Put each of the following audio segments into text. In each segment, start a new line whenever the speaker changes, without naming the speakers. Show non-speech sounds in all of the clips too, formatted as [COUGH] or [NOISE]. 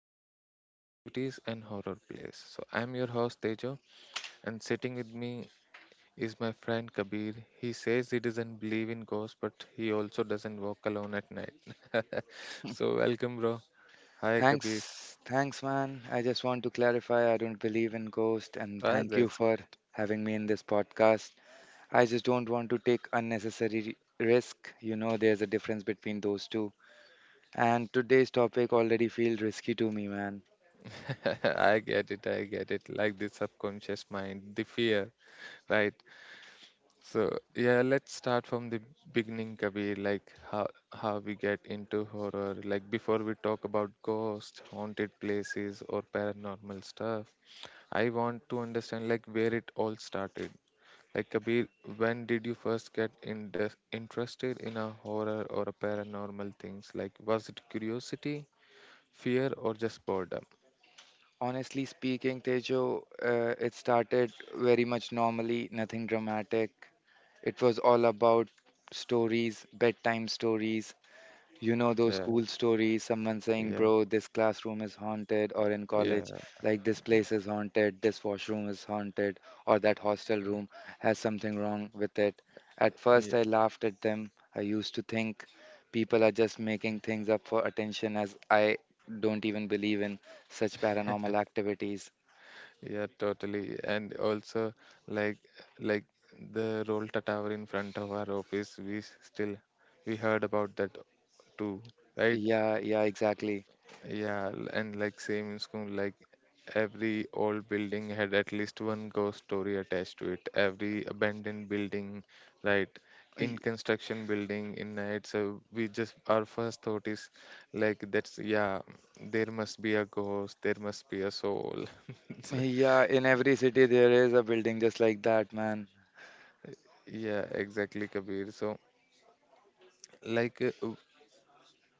paranormal activities and horror plays. So, I'm your host Tejo, and sitting with me is my friend Kabir. He says he doesn't believe in ghosts, but he also doesn't walk alone at night. [LAUGHS] So, welcome, bro. Hi, Kabir.
Thanks, man. I just want to clarify I don't believe in ghosts, and
Ah,
thank you
that's
for
great.
having me in this podcast. I just don't want to take unnecessary risk. There's a difference between those two. And today's topic already feels risky to me, man.
[LAUGHS] I get it. I get it. Like the subconscious mind, the fear, right? So, yeah, let's start from the beginning, Kabir. Like how we get into horror. Like before we talk about ghosts, haunted places, or paranormal stuff, I want to understand like where it all started. Like Kabir, when did you first get in interested in a horror or a paranormal things? Like, was it curiosity, fear, or just boredom?
Honestly speaking, Tejo, it started very much normally, nothing dramatic. It was all about stories, bedtime stories. You know those
Yeah,
cool stories, someone saying,
yeah,
bro, this classroom is haunted, or in college,
yeah,
like this place is haunted, this washroom is haunted, or that hostel room has something wrong with it. At first,
yeah,
I laughed at them. I used to think people are just making things up for attention, as I don't even believe in such paranormal activities.
yeah, totally. And also, like, like the Roll Tower in front of our office, still we heard about that too, right?
Yeah, yeah, exactly.
Yeah, and like same in school, like every old building had at least one ghost story attached to it. Every abandoned building, right? In
Y-
construction building in night, so we just our first thought is like, there must be a ghost, there must be a soul. [LAUGHS]
Yeah, in every city, there is a building just like that, man.
Yeah, exactly, Kabir. So, like, uh, w-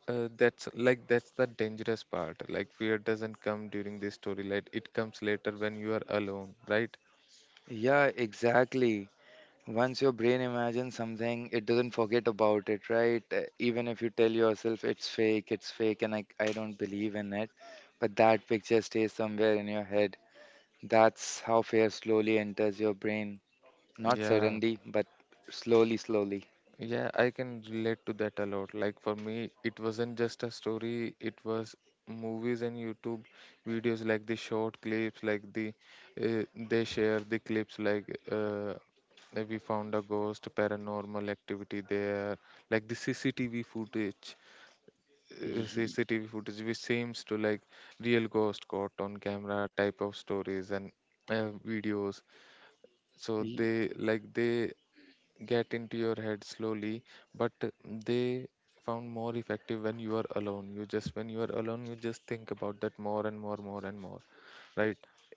uh, that's the dangerous part. Like, fear doesn't come during this story, like it comes later when you are alone, right?
Yeah, exactly. Once your brain imagines something, it doesn't forget about it, right? Even if you tell yourself it's fake, and I don't believe in it, but that picture stays somewhere in your head. That's how fear slowly enters your brain. Not
Yeah.
suddenly, but slowly, slowly.
Yeah, I can relate to that a lot. Like for me, it wasn't just a story, it was movies and YouTube videos like the short clips, like they share the clips uh, like we found a ghost, paranormal activity there, like the CCTV footage,
Ye-
CCTV footage which seems to like real ghost caught on camera type of stories and videos. So
ye-
they get into your head slowly but they found more effective when you are alone you just think about that more and more. Right?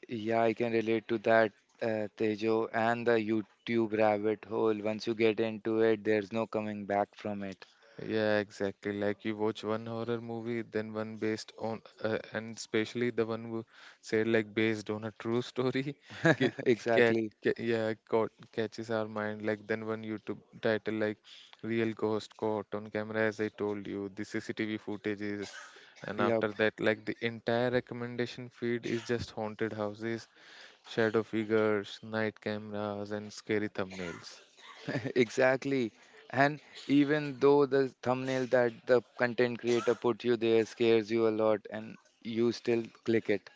Yeah, I can relate to that, Tejo, and the YouTube rabbit hole. Once you get into it, there's no coming back from it.
Yeah, exactly. Like you watch one horror movie, then one based on, and especially the one who said like based on a true story, [LAUGHS] ca-
[LAUGHS]
ca-
Exactly.
caught, catches our mind. Like then one YouTube title like "Real Ghost Caught on Camera," as I told you, the CCTV footages, and
Yeah.
after that, like the entire recommendation feed is just haunted houses, shadow figures, night cameras, and scary thumbnails.
[LAUGHS] Exactly. And even though the thumbnail that the content creator put you there scares you a lot and you still click it.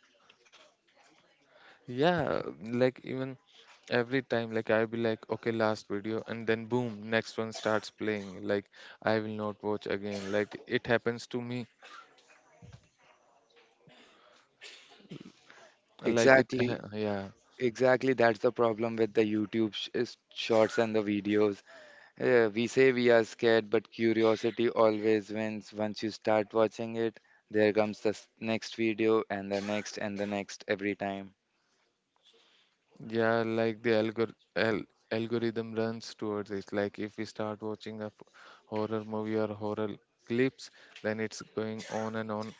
Yeah, like even every time, like I'll be like, okay, last video, and then boom, next one starts playing. Like I will not watch again. Like it happens to me. Like it,
Exactly.
ha- yeah,
Exactly. That's the problem with the YouTube is shorts and the videos. We say we are scared, but curiosity always wins. Once you start watching it, there comes the next video and the next every time.
yeah. Like the algorithm runs towards it. Like if we start watching a horror movie or horror clips, then it's going on.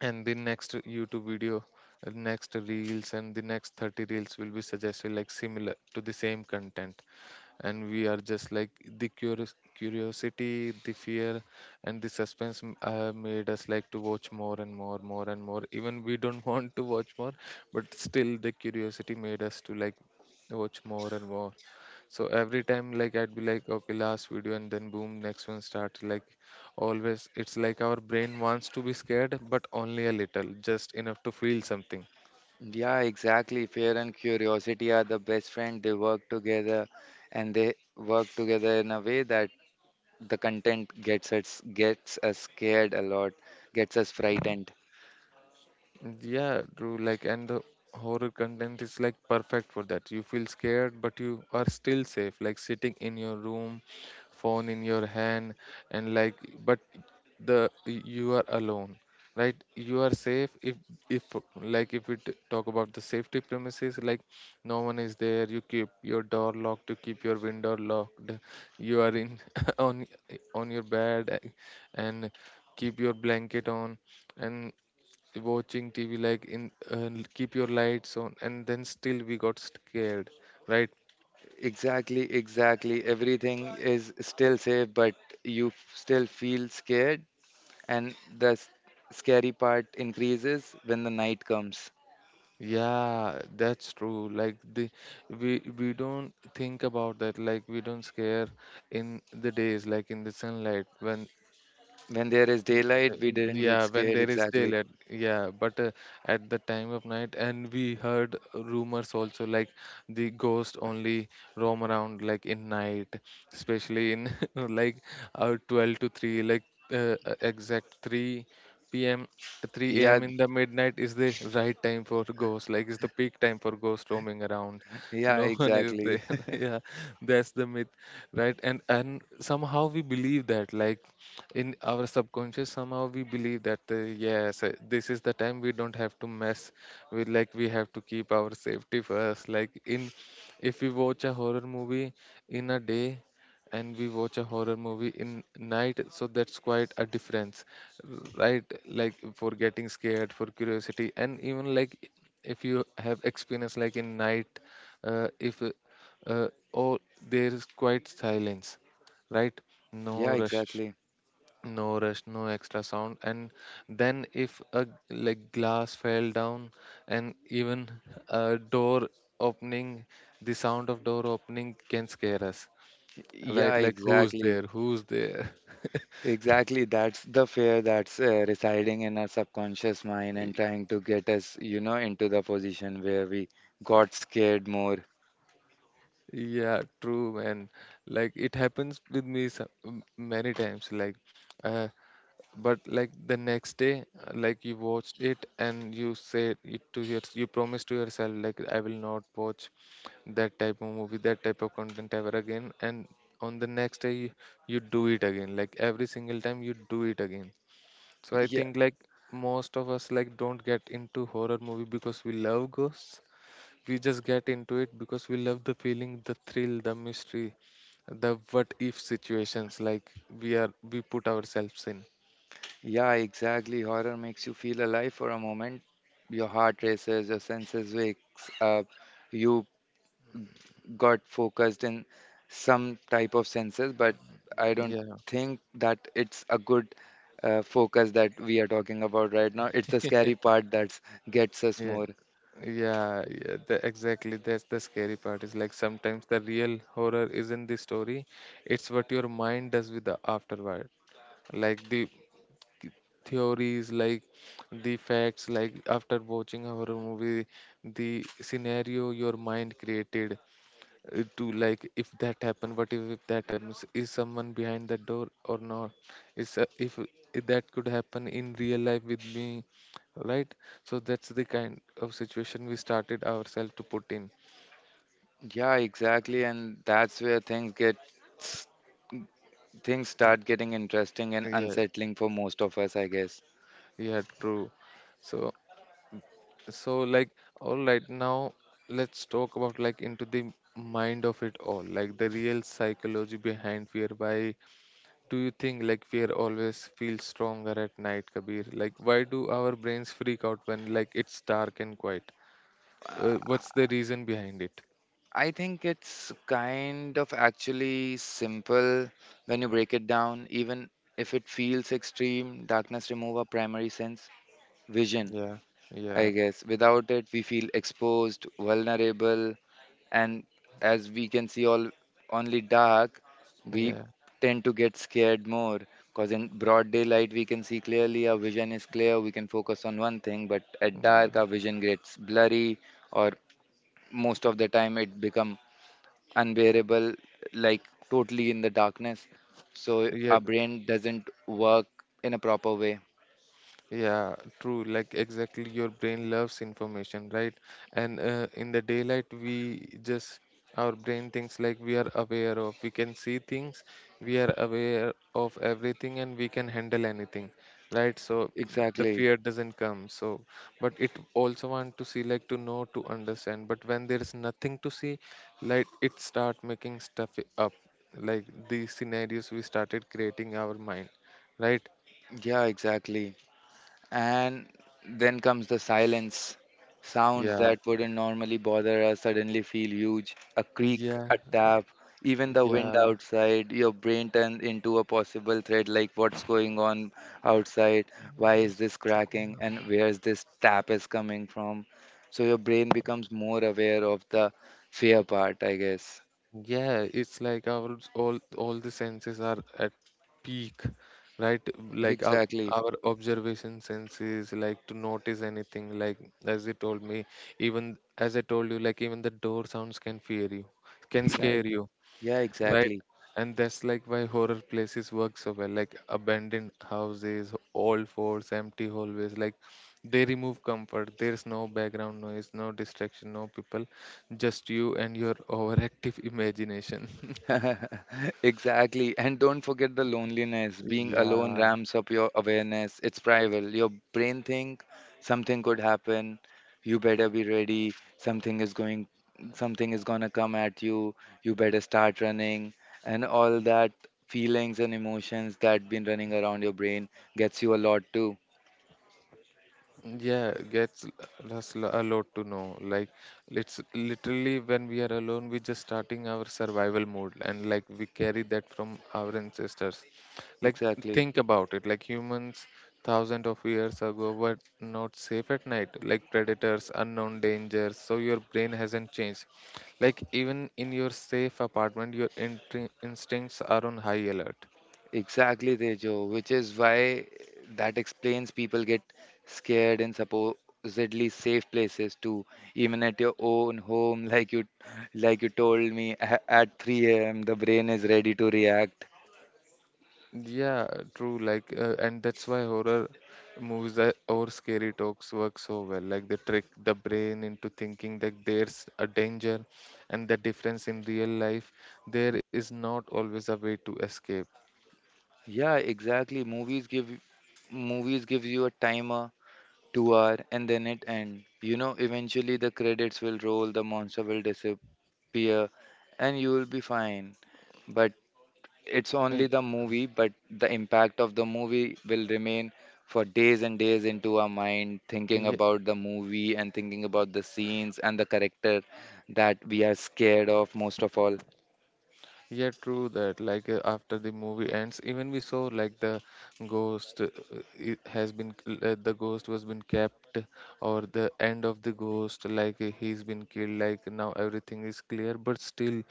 And the next YouTube video, next reels, and the next 30 reels will be suggested like similar to the same content and we are just like the curious curiosity, the fear, and the suspense made us like to watch more and more even we don't [LAUGHS] want to watch more, but still the curiosity made us to like watch more and more. So every time like I'd be like okay, last video, and then boom, next one starts. Like always it's like our brain wants to be scared, but only a little, just enough to feel something.
Yeah, exactly. Fear and curiosity are the best friend. They work together and they work together in a way that the content gets us scared a lot, gets us frightened.
Yeah, true. Like, and the horror content is like perfect for that. You feel scared, but you are still safe. Like sitting in your room, phone in your hand, and like, but the you are alone, right? You are safe if like if talk about the safety premises, like no one is there. You keep your door locked. You keep your window locked. You are in [LAUGHS] on on your bed, and keep your blanket on and watching TV like in keep your lights on, and then still we got scared, right?
Exactly, exactly. Everything is still safe, but you still feel scared and the scary part increases when the night comes.
Yeah, that's true. Like the we don't think about that. Like we don't scare in the days, like in the sunlight when
When there is daylight, we didn't get
Yeah, when
scared
there is
exactly.
daylight, yeah, but at the time of night, and we heard rumors also like the ghost only roam around like in night, especially in [LAUGHS] like 12 to 3, like exact 3 p.m. 3
Yeah,
a.m. in the midnight is the right time for ghosts, like it's the peak time for ghost roaming around.
yeah,
No [LAUGHS] one is
exactly.
there. [LAUGHS] Yeah, that's the myth, right? And somehow we believe that, like in our subconscious somehow we believe that yes, this is the time we don't have to mess with. Like we have to keep our safety first. Like in if we watch a horror movie in a day and we watch a horror movie in night, so that's quite a difference, right? Like for getting scared, for curiosity, and even like if you have experience like in night, if all there is quite silence, right?
[LAUGHS] Yeah,
No rush
exactly.
no rush no extra sound, and then if a like glass fell down and even [LAUGHS] a door opening, the sound of door opening can scare us,
Yeah,
right? Like who's
exactly.
there who's there? [LAUGHS]
Exactly, that's the fear that's residing in our subconscious mind and trying to get us into the position where we got scared more.
Yeah, true, man. Like it happens with me many times, like uh, but like the next day like you watched it and you promised to yourself like I will not watch that type of movie, that type of content ever again. And on the next day you do it again. Like every single time you do it again. So I
Yeah,
think like most of us like don't get into horror movie because we love ghosts, we just get into it because we love the feeling, the thrill, the mystery, the what if situations. Like we put ourselves in.
yeah, exactly. Horror makes you feel alive for a moment. Your heart races, your senses wakes up. You got focused in some type of senses, but I don't
Yeah.
think that it's a good focus that we are talking about right now. It's the scary part that gets us
Yeah,
more.
yeah. Exactly. That's the scary part. Is like sometimes the real horror isn't the story; it's what your mind does with the afterward. Like the theories, like the facts, like after watching a horror movie, the scenario your mind created, to like if that happen, what if that happens, is someone behind that door or not is if that could happen in real life with me, right? So that's the kind of situation we started ourselves to put in.
Yeah, exactly, and that's where s- things start getting interesting and
Yeah,
unsettling for most of us, I guess.
yeah, true. So, so like, all right, now let's talk about like into the mind of it all, like the real psychology behind fear. Why do you think like fear always feels stronger at night, Kabir? Like why do our brains freak out when like it's dark and quiet? What's the reason behind it?
I think it's kind of actually simple when you break it down, even if it feels extreme. Darkness remove our primary sense, vision.
Yeah,
I
yeah,
guess. Without it, we feel exposed, vulnerable, and as we can see all only dark, we
yeah,
tend to get scared more. Because in broad daylight, we can see clearly, our vision is clear, we can focus on one thing, but at
yeah.
dark, our vision gets blurry, or most of the time, it become unbearable, like totally in the darkness. So
Yeah.
our brain doesn't work in a proper way.
Yeah, true. Like exactly, your brain loves information, right? And in the daylight, we just our brain thinks like we are aware of. We can see things, we are aware of everything, and we can handle anything, right? So the
Exactly.
fear doesn't come. So, but it also want to see, like to know, to understand. But when there is nothing to see, like it start making stuff up, like these scenarios we started creating our mind, right?
Yeah, exactly. And then comes the silence. Sounds
Yeah.
that wouldn't normally bother us suddenly feel huge. A creak,
Yeah.
a tap, even the wind
Yeah.
outside. Your brain turns into a possible threat like what's going on outside? Why is this cracking? And where's this tap is coming from? So your brain becomes more aware of the fear part, I guess.
Yeah, it's like our all the senses are at peak, right? Like
Exactly.
our observation senses, like to notice anything. Like as you told me, even as I told you, like even the door sounds can fear you,
He
can
like,
scare you.
yeah,
Right.
exactly.
And that's like why horror places work so well, like abandoned houses, old forts, empty hallways. Like they remove comfort. There's no background noise, no distraction, no people, just you and your overactive imagination. [LAUGHS]
[LAUGHS] Exactly. And don't forget the loneliness. Being alone
Yeah.
ramps up your awareness. It's primal. Your brain think something could happen. You better be ready. Something is gonna come at you. You better start running. And all that feelings and emotions that been running around your brain gets you a lot too.
Yeah, gets us a lot to know. Like it's literally when we are alone, we just starting our survival mode, and like we carry that from our ancestors. Like
Exactly.
think about it. Like humans, thousands of years ago, were not safe at night. Like predators, unknown dangers. So your brain hasn't changed. Like even in your safe apartment, your instincts are on high alert.
Exactly, Tejo, which is why that explains people get scared in supposedly safe places too, even at your own home, [LAUGHS] like you told me at 3 a.m. the brain is ready to react.
Yeah, true. Like, and that's why horror movies that, or scary talks work so well. Like, they trick the brain into thinking that there's a danger, and the difference in real life, there is not always a way to escape.
Yeah, exactly. Movies gives you a timer, 2 hour, and then it end. You know, eventually the credits will roll, the monster will disappear, and you will be fine. But it's only
Y-
the movie, but the impact of the movie will remain for days and days into our mind, thinking
Yeah,
about the movie and thinking about the scenes and the character that we are scared of most of all.
yeah, true that. Like, after the movie ends, even we saw like the ghost it has been the ghost was been kept, or the end of the ghost, like he's been killed. Like now everything is clear, but still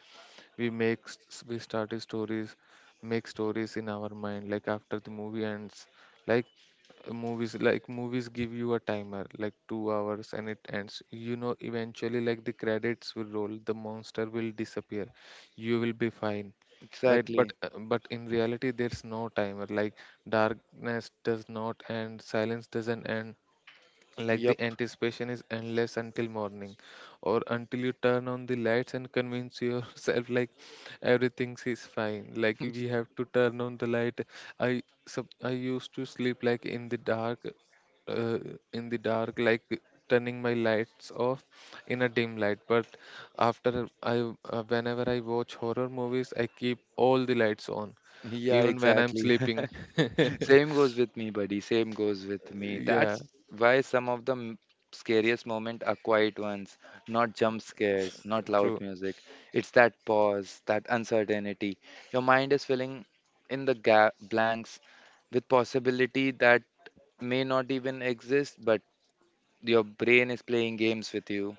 we started stories make stories in our mind like after the movie ends. Like movies like movies give you a timer like 2 hours and it ends eventually. Like the credits will roll, the monster will disappear, you will be fine, right? but
Exactly.
uh, but in reality there's no timer. Like darkness does not end, silence doesn't end, like the
Yep.
anticipation is endless until morning, or until you turn on the lights and convince yourself like everything is fine. Like we
[LAUGHS]
have to turn on the light. I used to sleep like in the dark, uh, in the dark, like turning my lights off in a dim light. But after I whenever I watch horror movies, I keep all the lights on,
Yeah,
even when I'm
exactly.
sleeping.
[LAUGHS] Same goes with me, buddy. Same goes with me.
Yeah,
That's why some of the scariest moments are quiet ones, not jump scares, not loud
true.
music. It's that pause, that uncertainty. Your mind is filling in the blanks with possibility that may not even exist, but your brain is playing games with you.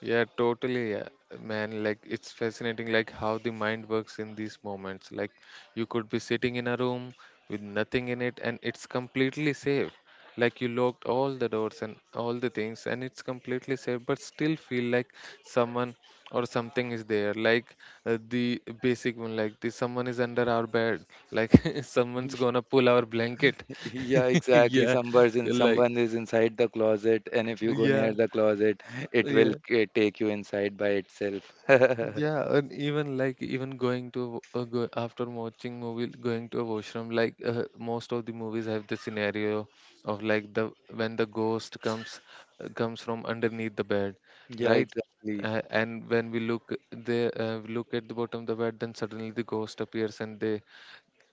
Yeah, totally, yeah. Man. Like it's fascinating, like how the mind works in these moments. Like you could be sitting in a room with nothing in it, and it's completely safe. Like you locked all the doors and all the things, and it's completely safe, but still feel like someone or something is there. Like the basic one, like the someone is under our bed. Like [LAUGHS] someone's
[LAUGHS]
gonna pull our blanket.
Yeah,
[LAUGHS]
exactly.
Yeah,
Somebody's in,
like
someone is inside the closet, and if you go
yeah,
near the closet, it will
yeah.
take you inside by itself. [LAUGHS]
Yeah, and even like even going to a, go, after watching movie, going to a washroom, like most of the movies have the scenario of like the when the ghost comes comes from underneath the bed,
Yeah,
right?
exactly.
And when we look they we look at the bottom of the bed, then suddenly the ghost appears and they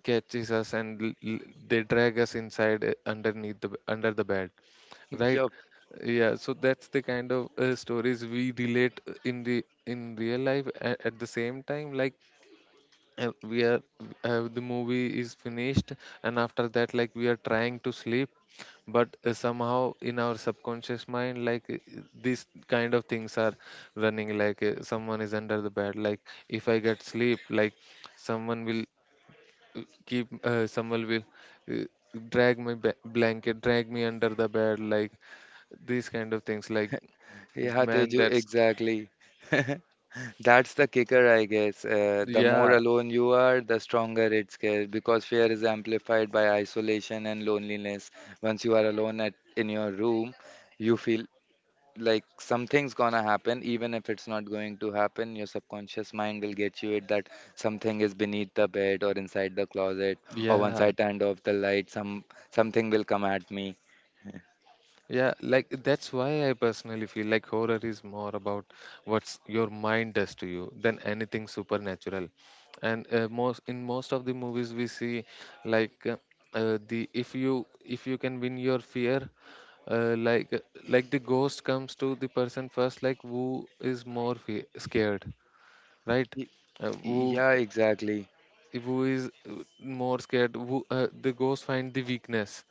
catches us and they drag us inside underneath the under the bed,
[LAUGHS]
right?
Yup.
Yeah, so that's the kind of stories we relate in the in real life at the same time. Like we are, the movie is finished, and after that like we are trying to sleep, but somehow in our subconscious mind like these kind of things are running, like someone is under the bed. Like if I get sleep, like someone will keep someone will uh, drag my blanket, drag me under the bed, like these kind of things. Like
Yeah,
man,
Teju,
that's
exactly. [LAUGHS] That's the kicker, I guess. The more
yeah
alone you are, the stronger it's scared because fear is amplified by isolation and loneliness. Once you are alone at in your room, you feel like something's gonna happen, even if it's not going to happen. Your subconscious mind will get you it that something is beneath the bed or inside the closet, or once
yeah
I turned off the light, something will come at me.
yeah. Like that's why I personally feel like horror is more about what's your mind does to you than anything supernatural. And most of the movies we see, like the if you can win your fear, uh, like like the ghost comes to the person first, like who is more scared, right?
Y-
Uh,
Yeah, exactly.
who is more scared, who the ghost find the weakness.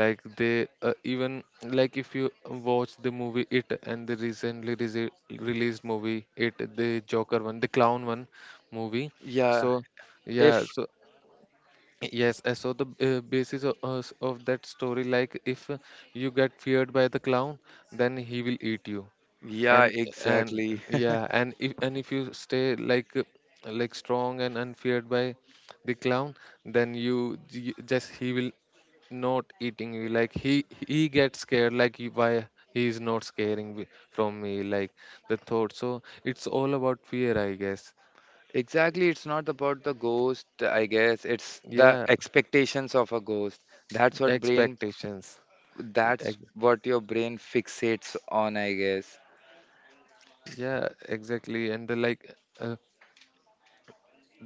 Like they even like if you watch the movie it and the recently released movie it, the joker one, the clown one, movie.
Yeah,
So
if
yeah, so yes I saw the basis of that story. Like if you get feared by the clown, then he will eat you.
yeah,
and and
exactly.
yeah,
[LAUGHS]
and if you stay like strong and unfeared by the clown, then you just he will not eating you. Like he gets scared, like you, why he is not scaring from me, like the thought. So it's all about fear, I guess.
Exactly, it's not about the ghost, I guess. It's the
Yeah,
expectations of a ghost. That's what brain
expectations.
that's
ex-
what your brain fixates on, I guess.
yeah, exactly. And the like, uh,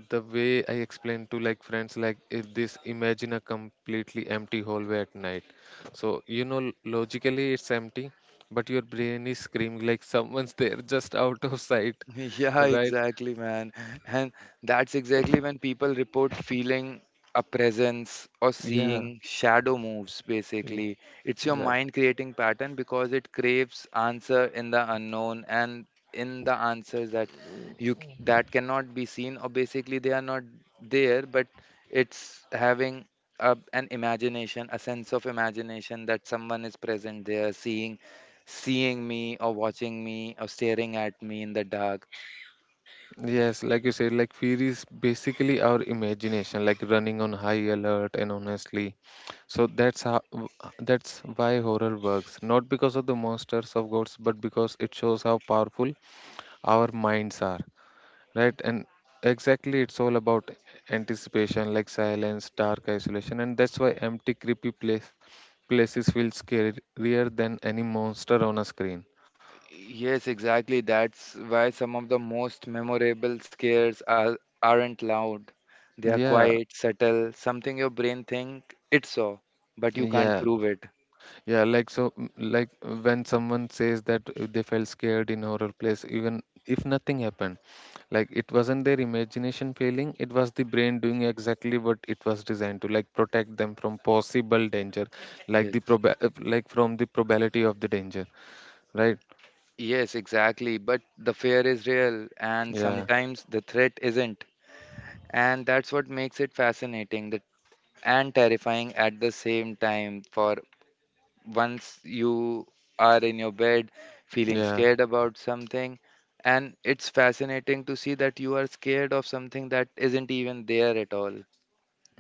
the way I explained to like friends, like if this imagine a completely empty hallway at night. So you know, logically it's empty, but your brain is screaming like someone's [LAUGHS] there just out of sight,
[LAUGHS] Yeah,
right?
exactly, man. And that's exactly when people report feeling a presence or
Yeah.
seeing shadow moves,
Yeah.
basically. It's your
Yeah.
mind creating pattern because it craves answer in the unknown and in the answers that that cannot be seen or basically they are not there, but it's having an imagination, a sense of imagination that someone is present there, seeing me or watching me or staring at me in the dark.
Yes, like you said, like fear is basically our imagination, like running on high alert and honestly. So that's why horror works, not because of the monsters of gods, but because it shows how powerful our minds are. Right, and exactly it's all about anticipation, like silence, dark, isolation. And that's why empty creepy places feel scarier than any monster on a screen.
Yes, exactly. That's why some of the most memorable scares aren't loud. They are
Yeah,
quiet, subtle, something your brain think it saw, but you can't
yeah,
prove it.
yeah. Like so mm, like when someone says that they felt scared in horror place even if nothing happened, like it wasn't their imagination failing, it was the brain doing exactly what it was designed to, like protect them from possible danger, like the
Yes.
like from the probability of the danger, right?
Yes, exactly. But the fear is real, and
Yeah,
sometimes the threat isn't. And that's what makes it fascinating, that, and terrifying at the same time, for once you are in your bed feeling
yeah,
scared about something and it's fascinating to see that you are scared of something that isn't even there at all.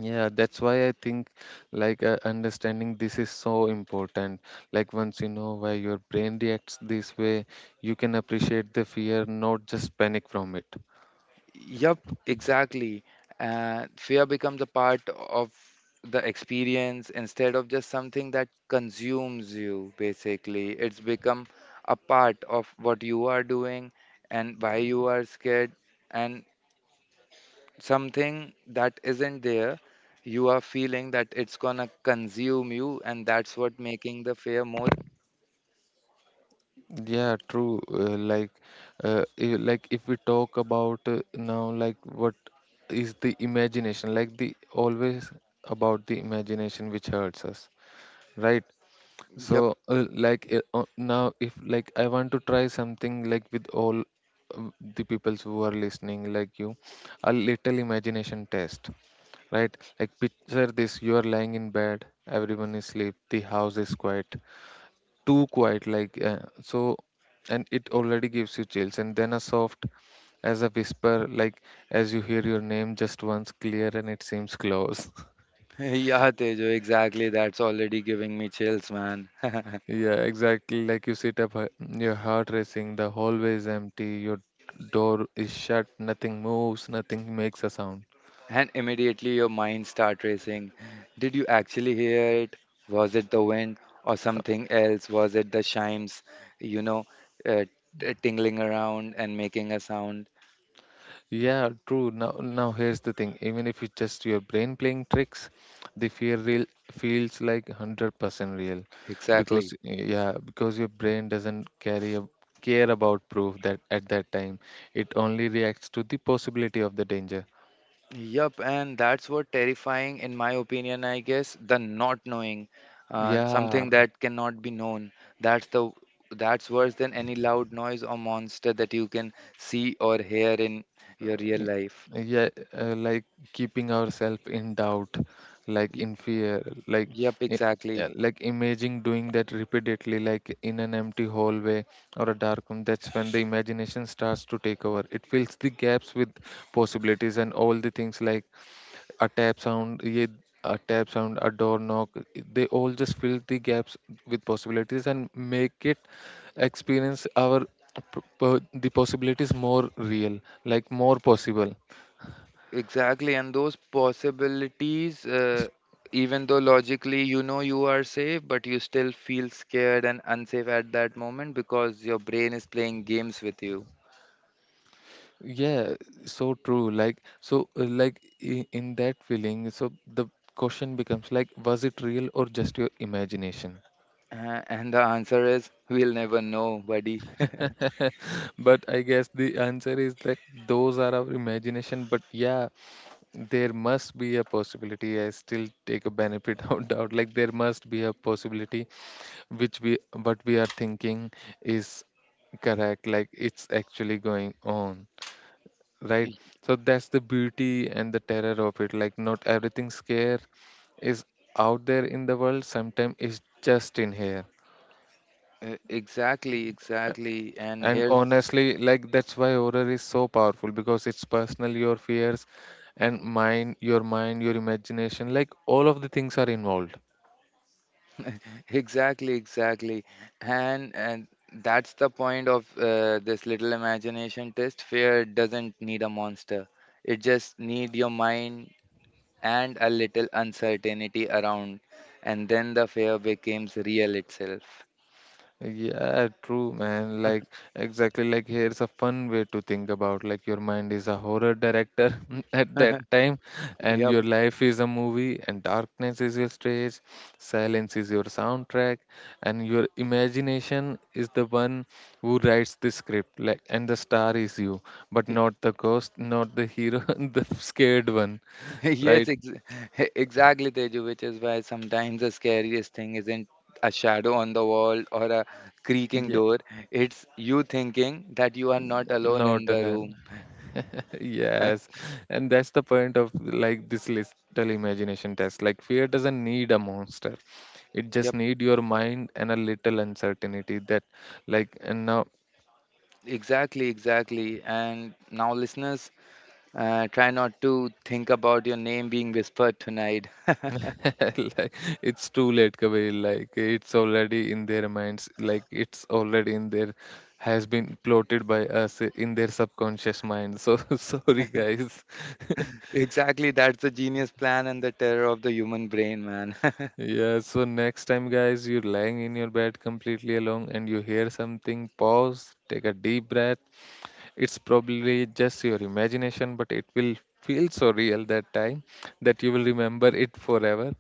yeah. That's why I think like understanding this is so important. Like once you know why your brain reacts this way, you can appreciate the fear, not just panic from it.
Yup, exactly. Fear becomes a part of the experience instead of just something that consumes you, basically. It's become a part of what you are doing and why you are scared. And something that isn't there you are feeling that it's gonna consume you and that's what making the fear more.
Yeah, true. Like, like if we talk about now, like what is the imagination? Like the always about the imagination which hurts us, right?
Yep.
So, like now, if like I want to try something like with all the peoples who are listening, like you, a little imagination test, right? Like picture this: you are lying in bed, everyone is asleep, the house is quiet, too quiet, like so, and it already gives you chills. And then a soft, as a whisper, like as you hear your name just once, clear, and it seems close.
[LAUGHS] Yeah, Tejo, exactly, that's already giving me chills, man.
Yeah, exactly. Like you sit up, your heart racing, the hallway is empty, your door is shut, nothing moves, nothing makes a sound.
[LAUGHS] And immediately your mind start racing. Did you actually hear it? Was it the wind or something else? Was it the chimes? You know, uh, tingling around and making a sound.
Yeah, true. Now, now here's the thing. Even if it's just your brain playing tricks, the fear real feels like 100% real,
Exactly.
because yeah, because your brain doesn't carry a care about proof that at that time, it only reacts to the possibility of the danger.
Yep, and that's what terrifying, in my opinion, I guess, the not knowing,
Yeah,
something that cannot be known. That's the that's worse than any loud noise or monster that you can see or hear in your real
Y-
life.
yeah, like keeping ourselves in doubt, like
Y-
in fear, like
Yep,
i- yeah,
exactly,
like imaging doing that repeatedly like in an empty hallway or a dark room. That's when the imagination starts to take over, it fills the gaps with possibilities and all the things, like a tap sound, yeah, a tap sound, a door knock, they all just fill the gaps with possibilities and make it experience our the possibilities more real, like more possible.
exactly. And those possibilities,
S-
even though logically you know you are safe, but you still feel scared and unsafe at that moment because your brain is playing games with you.
Yeah, so true. Like, so, like in that feeling, so the question becomes like, was it real or just your imagination?
And the answer is, we'll never know, buddy. [LAUGHS]
[LAUGHS] But I guess the answer is like those are our imagination. But yeah, there must be a possibility. I still take a benefit [LAUGHS] of doubt. Like there must be a possibility which we what we are thinking is correct. Like it's actually going on. Right,
E-
so that's the beauty and the terror of it, like not everything scare is out there in the world, sometimes it's just in here.
Exactly, exactly. And
And
here's
honestly, like that's why horror is so powerful, because it's personal, your fears and mind, your mind, your imagination, like all of the things are involved.
exactly, exactly. And that's the point of this little imagination test. Fear doesn't need a monster. It just need your mind and a little uncertainty around, and then the fear becomes real itself.
Yeah, true, man. Like, exactly, like here's a fun way to think about, like your mind is a horror director [LAUGHS] at that
[LAUGHS]
time, and
Yep.
your life is a movie, and darkness is your stage, silence is your soundtrack, and your imagination is the one who writes the script. Like, and the star is you, but not the ghost, not the hero, [LAUGHS] the scared one,
[LAUGHS] Yes,
right?
[LAUGHS] exactly, Teju, which is why sometimes the scariest thing isn't a shadow on the wall or a creaking
Yeah,
door. It's you thinking that you are not alone
not
in the
alive.
room.
Yes,
[LAUGHS]
and that's the point of like this little imagination test. Like fear doesn't need a monster. It just
Yep,
need your mind and a little uncertainty that like and now,
exactly, exactly. And now, listeners, try not to think about your name being whispered tonight. [LAUGHS]
[LAUGHS] like it's too late, Kabir. Like it's already in their minds. Like it's already in their has been plotted by us in their subconscious mind. So [LAUGHS] sorry guys. [LAUGHS]
Exactly, that's the genius plan and the terror of the human brain, man. [LAUGHS]
Yeah, so next time, guys, you're lying in your bed completely alone and you hear something, pause, take a deep breath, it's probably just your imagination, but it will feel so real that time that you will remember it forever.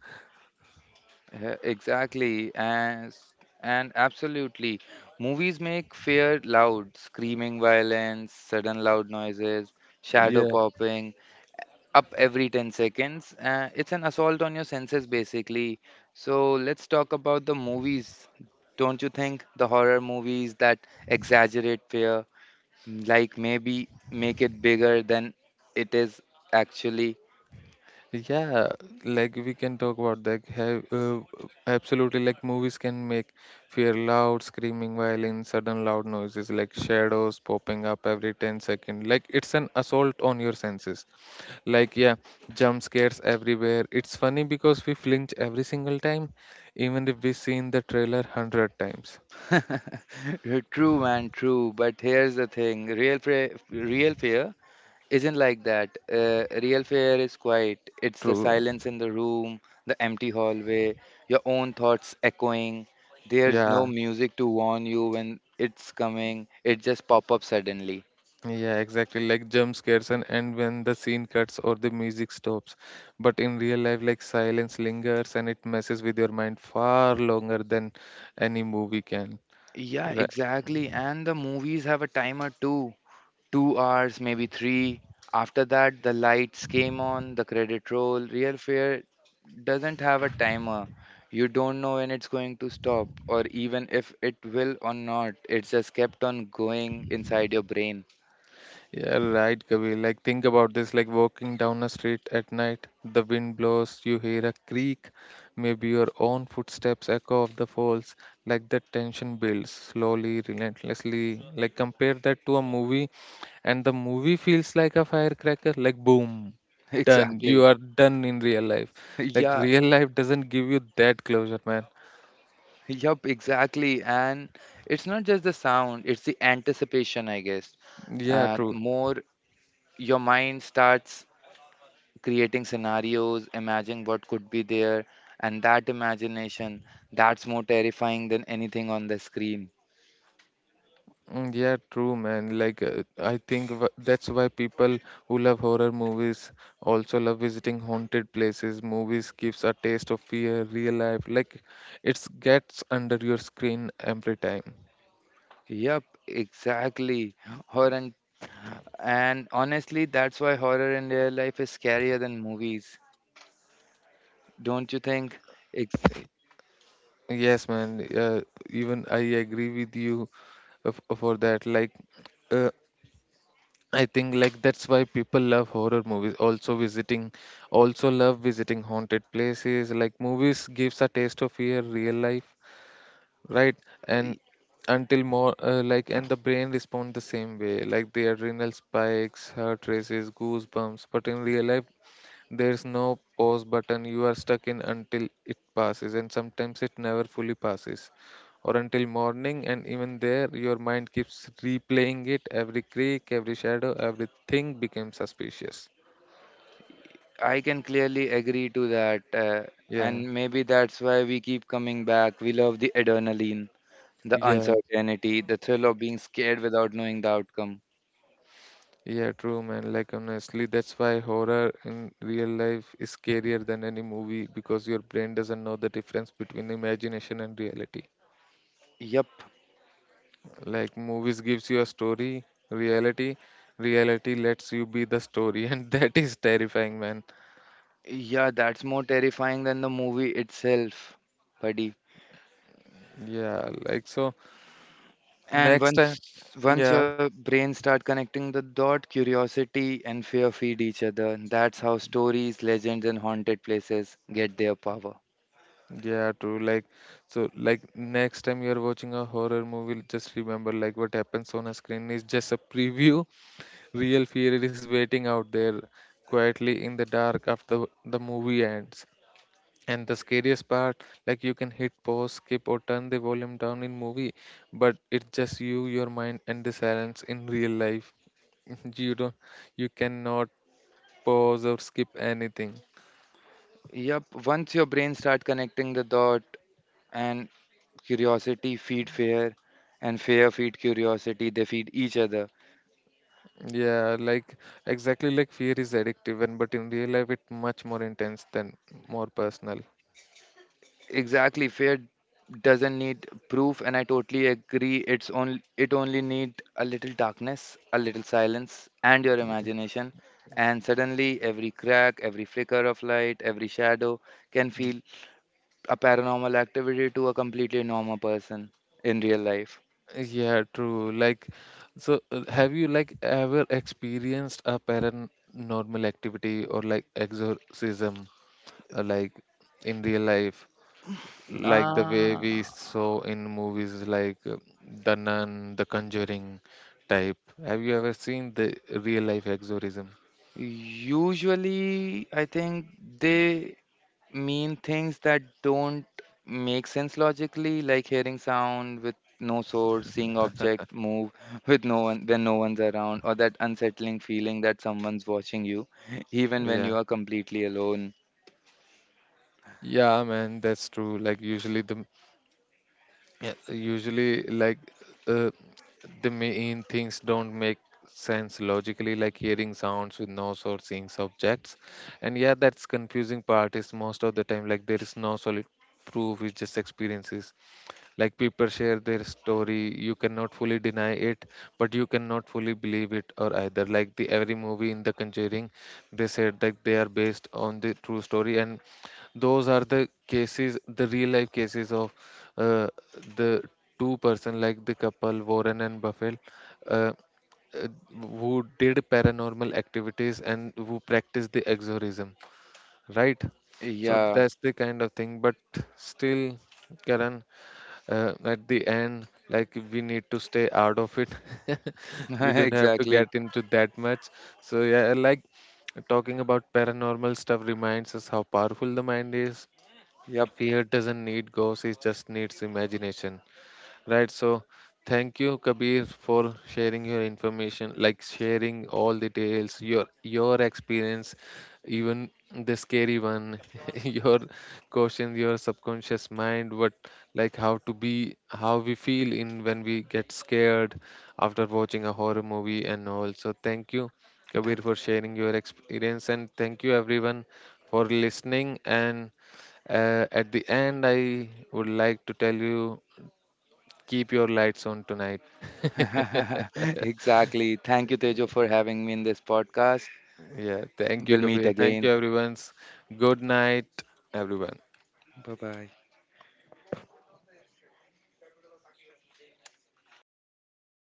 Exactly, and absolutely. Movies make fear loud, screaming violence, sudden loud noises, shadow
Yeah,
popping up every 10 seconds. It's an assault on your senses, basically. So let's talk about the movies. Don't you think the horror movies that exaggerate fear, like maybe make it bigger than it is actually?
yeah, like we can talk about that have absolutely, like movies can make fear loud, screaming violence, sudden loud noises, like shadows popping up every 10 seconds. Like it's an assault on your senses, like yeah, jump scares everywhere. It's funny because we flinch every single time, even if we've seen the trailer 100 times.
[LAUGHS] True, man, true. But here's the thing: real fear isn't like that. Real fear is quiet. It's the
True,
silence in the room, the empty hallway, your own thoughts echoing. There's no
yeah.
music to warn you when it's coming. It just pop up suddenly.
Yeah, exactly. Like jump scares and end when the scene cuts or the music stops. But in real life, like silence lingers and it messes with your mind far longer than any movie can.
Yeah, exactly. And the movies have a timer too. 2 hours, maybe three. After that, the lights came on, the credit roll. Real fare doesn't have a timer. You don't know when it's going to stop or even if it will or not. It's just kept on going inside your brain. [LAUGHS]
Yeah, right, Kabir. Like, think about this, like walking down a street at night, the wind blows, you hear a creak, maybe your own footsteps echo off the falls. Like, that tension builds slowly, relentlessly. Like, compare that to a movie, and the movie feels like a firecracker, like, boom, done. You
Exactly.
are done in real life. Like,
Yeah.
real life doesn't give you that closure, man.
Yup, exactly. And it's not just the sound, it's the anticipation, I guess.
Yeah,
And
true.
more your mind starts creating scenarios, imagining what could be there, and that imagination, that's more terrifying than anything on the screen.
Mm, yeah, true, man. Like, I think that's why people who love horror movies also love visiting haunted places. Movies gives a taste of fear, real life. Like, it gets under your screen every time.
Yep, exactly. Horror and, and honestly, that's why horror in real life is scarier than movies. Don't you think? Ex-
Yes, man. Even I agree with you for that. Like, uh, I think like that's why people love horror movies. Also love visiting haunted places. Like, movies gives a taste of fear, real life, right. And until more like and the brain respond the same way, like the adrenal spikes, heart races, goosebumps, but in real life there's no pause button. You are stuck in until it passes, and sometimes it never fully passes or until morning. And even there your mind keeps replaying it, every creak, every shadow, everything becomes suspicious.
I can clearly agree to that. And
Yeah,
maybe that's why we keep coming back. We love the adrenaline, the
yeah.
uncertainty, the thrill of being scared without knowing the outcome.
Yeah, true, man. Like, honestly, that's why horror in real life is scarier than any movie, because your brain doesn't know the difference between imagination and reality.
Yep,
Like, movies gives you a story, reality, reality lets you be the story, [LAUGHS] and that is terrifying, man.
yeah, that's more terrifying than the movie itself, buddy.
Yeah, like, so
And
next time,
once
yeah,
your brain start connecting the dot, curiosity and fear feed each other. That's how stories, legends, and haunted places get their power.
yeah, true. Like, so, like, next time you're watching a horror movie, just remember, like, what happens on a screen is just a preview. Real fear is waiting out there quietly in the dark after the movie ends. And the scariest part, like, you can hit pause, skip, or turn the volume down in movie, but it's just you, your mind, and the silence in real life. [LAUGHS] You don't, you cannot pause or skip anything.
Yep, once your brain start connecting the dot and curiosity feed fear and fear feed curiosity, they feed each other.
Yeah, like exactly, like fear is addictive, and but in real life, it's much more intense than, more personal.
Exactly, fear doesn't need proof, and I totally agree. It only need a little darkness, a little silence, and your imagination, and suddenly every crack, every flicker of light, every shadow can feel a paranormal activity to a completely normal person in real life.
Yeah, true. Like, so have you like ever experienced a paranormal activity or like exorcism, like in real life, like the way
Uh,
we saw in movies, like The Nun, The Conjuring type? Have you ever seen the real life exorcism?
usually, I think they mean things that don't make sense logically, like hearing sound with no source, seeing object move [LAUGHS] with no one when no one's around, or that unsettling feeling that someone's watching you, [LAUGHS] even when
Yeah.
you are completely alone.
Yeah, man, that's true. Like usually the, yeah, usually like, uh, the main things don't make sense logically, like hearing sounds with noise or seeing objects. And yeah, that's confusing part is most of the time like there is no solid proof, it's just experiences. Like people share their story, you cannot fully deny it, but you cannot fully believe it. Or either, like, the every movie in the conjuring, they said that they are based on the true story, and those are the cases, the real life cases of uh, the two person, like the couple Warren and Buffett, uh, uh, who did paranormal activities and who practiced the exorcism, right. So
Yeah,
that's the kind of thing, but still, Karan, at the end, like, we need to stay out of it. [LAUGHS] We
[LAUGHS]
don't have to
exactly.
get into that much. So yeah, like, talking about paranormal stuff reminds us how powerful the mind is.
Yep.
Fear doesn't need ghosts, it just needs imagination. Right, so thank you, Kabir, for sharing your information, like sharing all details, your experience, even the scary one, [LAUGHS] your question, your subconscious mind, what, like, how to be, how we feel in when we get scared after watching a horror movie and all. So thank you, Kabir, for sharing your experience, and thank you everyone for listening. And at the end, I would like to tell you, keep your lights on tonight.
[LAUGHS] Exactly. Thank you, Tejo, for having me in this podcast.
Yeah. Thank
We'll
you,
meet
Kapil. Thank
again.
you, everyone. Good night, everyone.
Bye bye.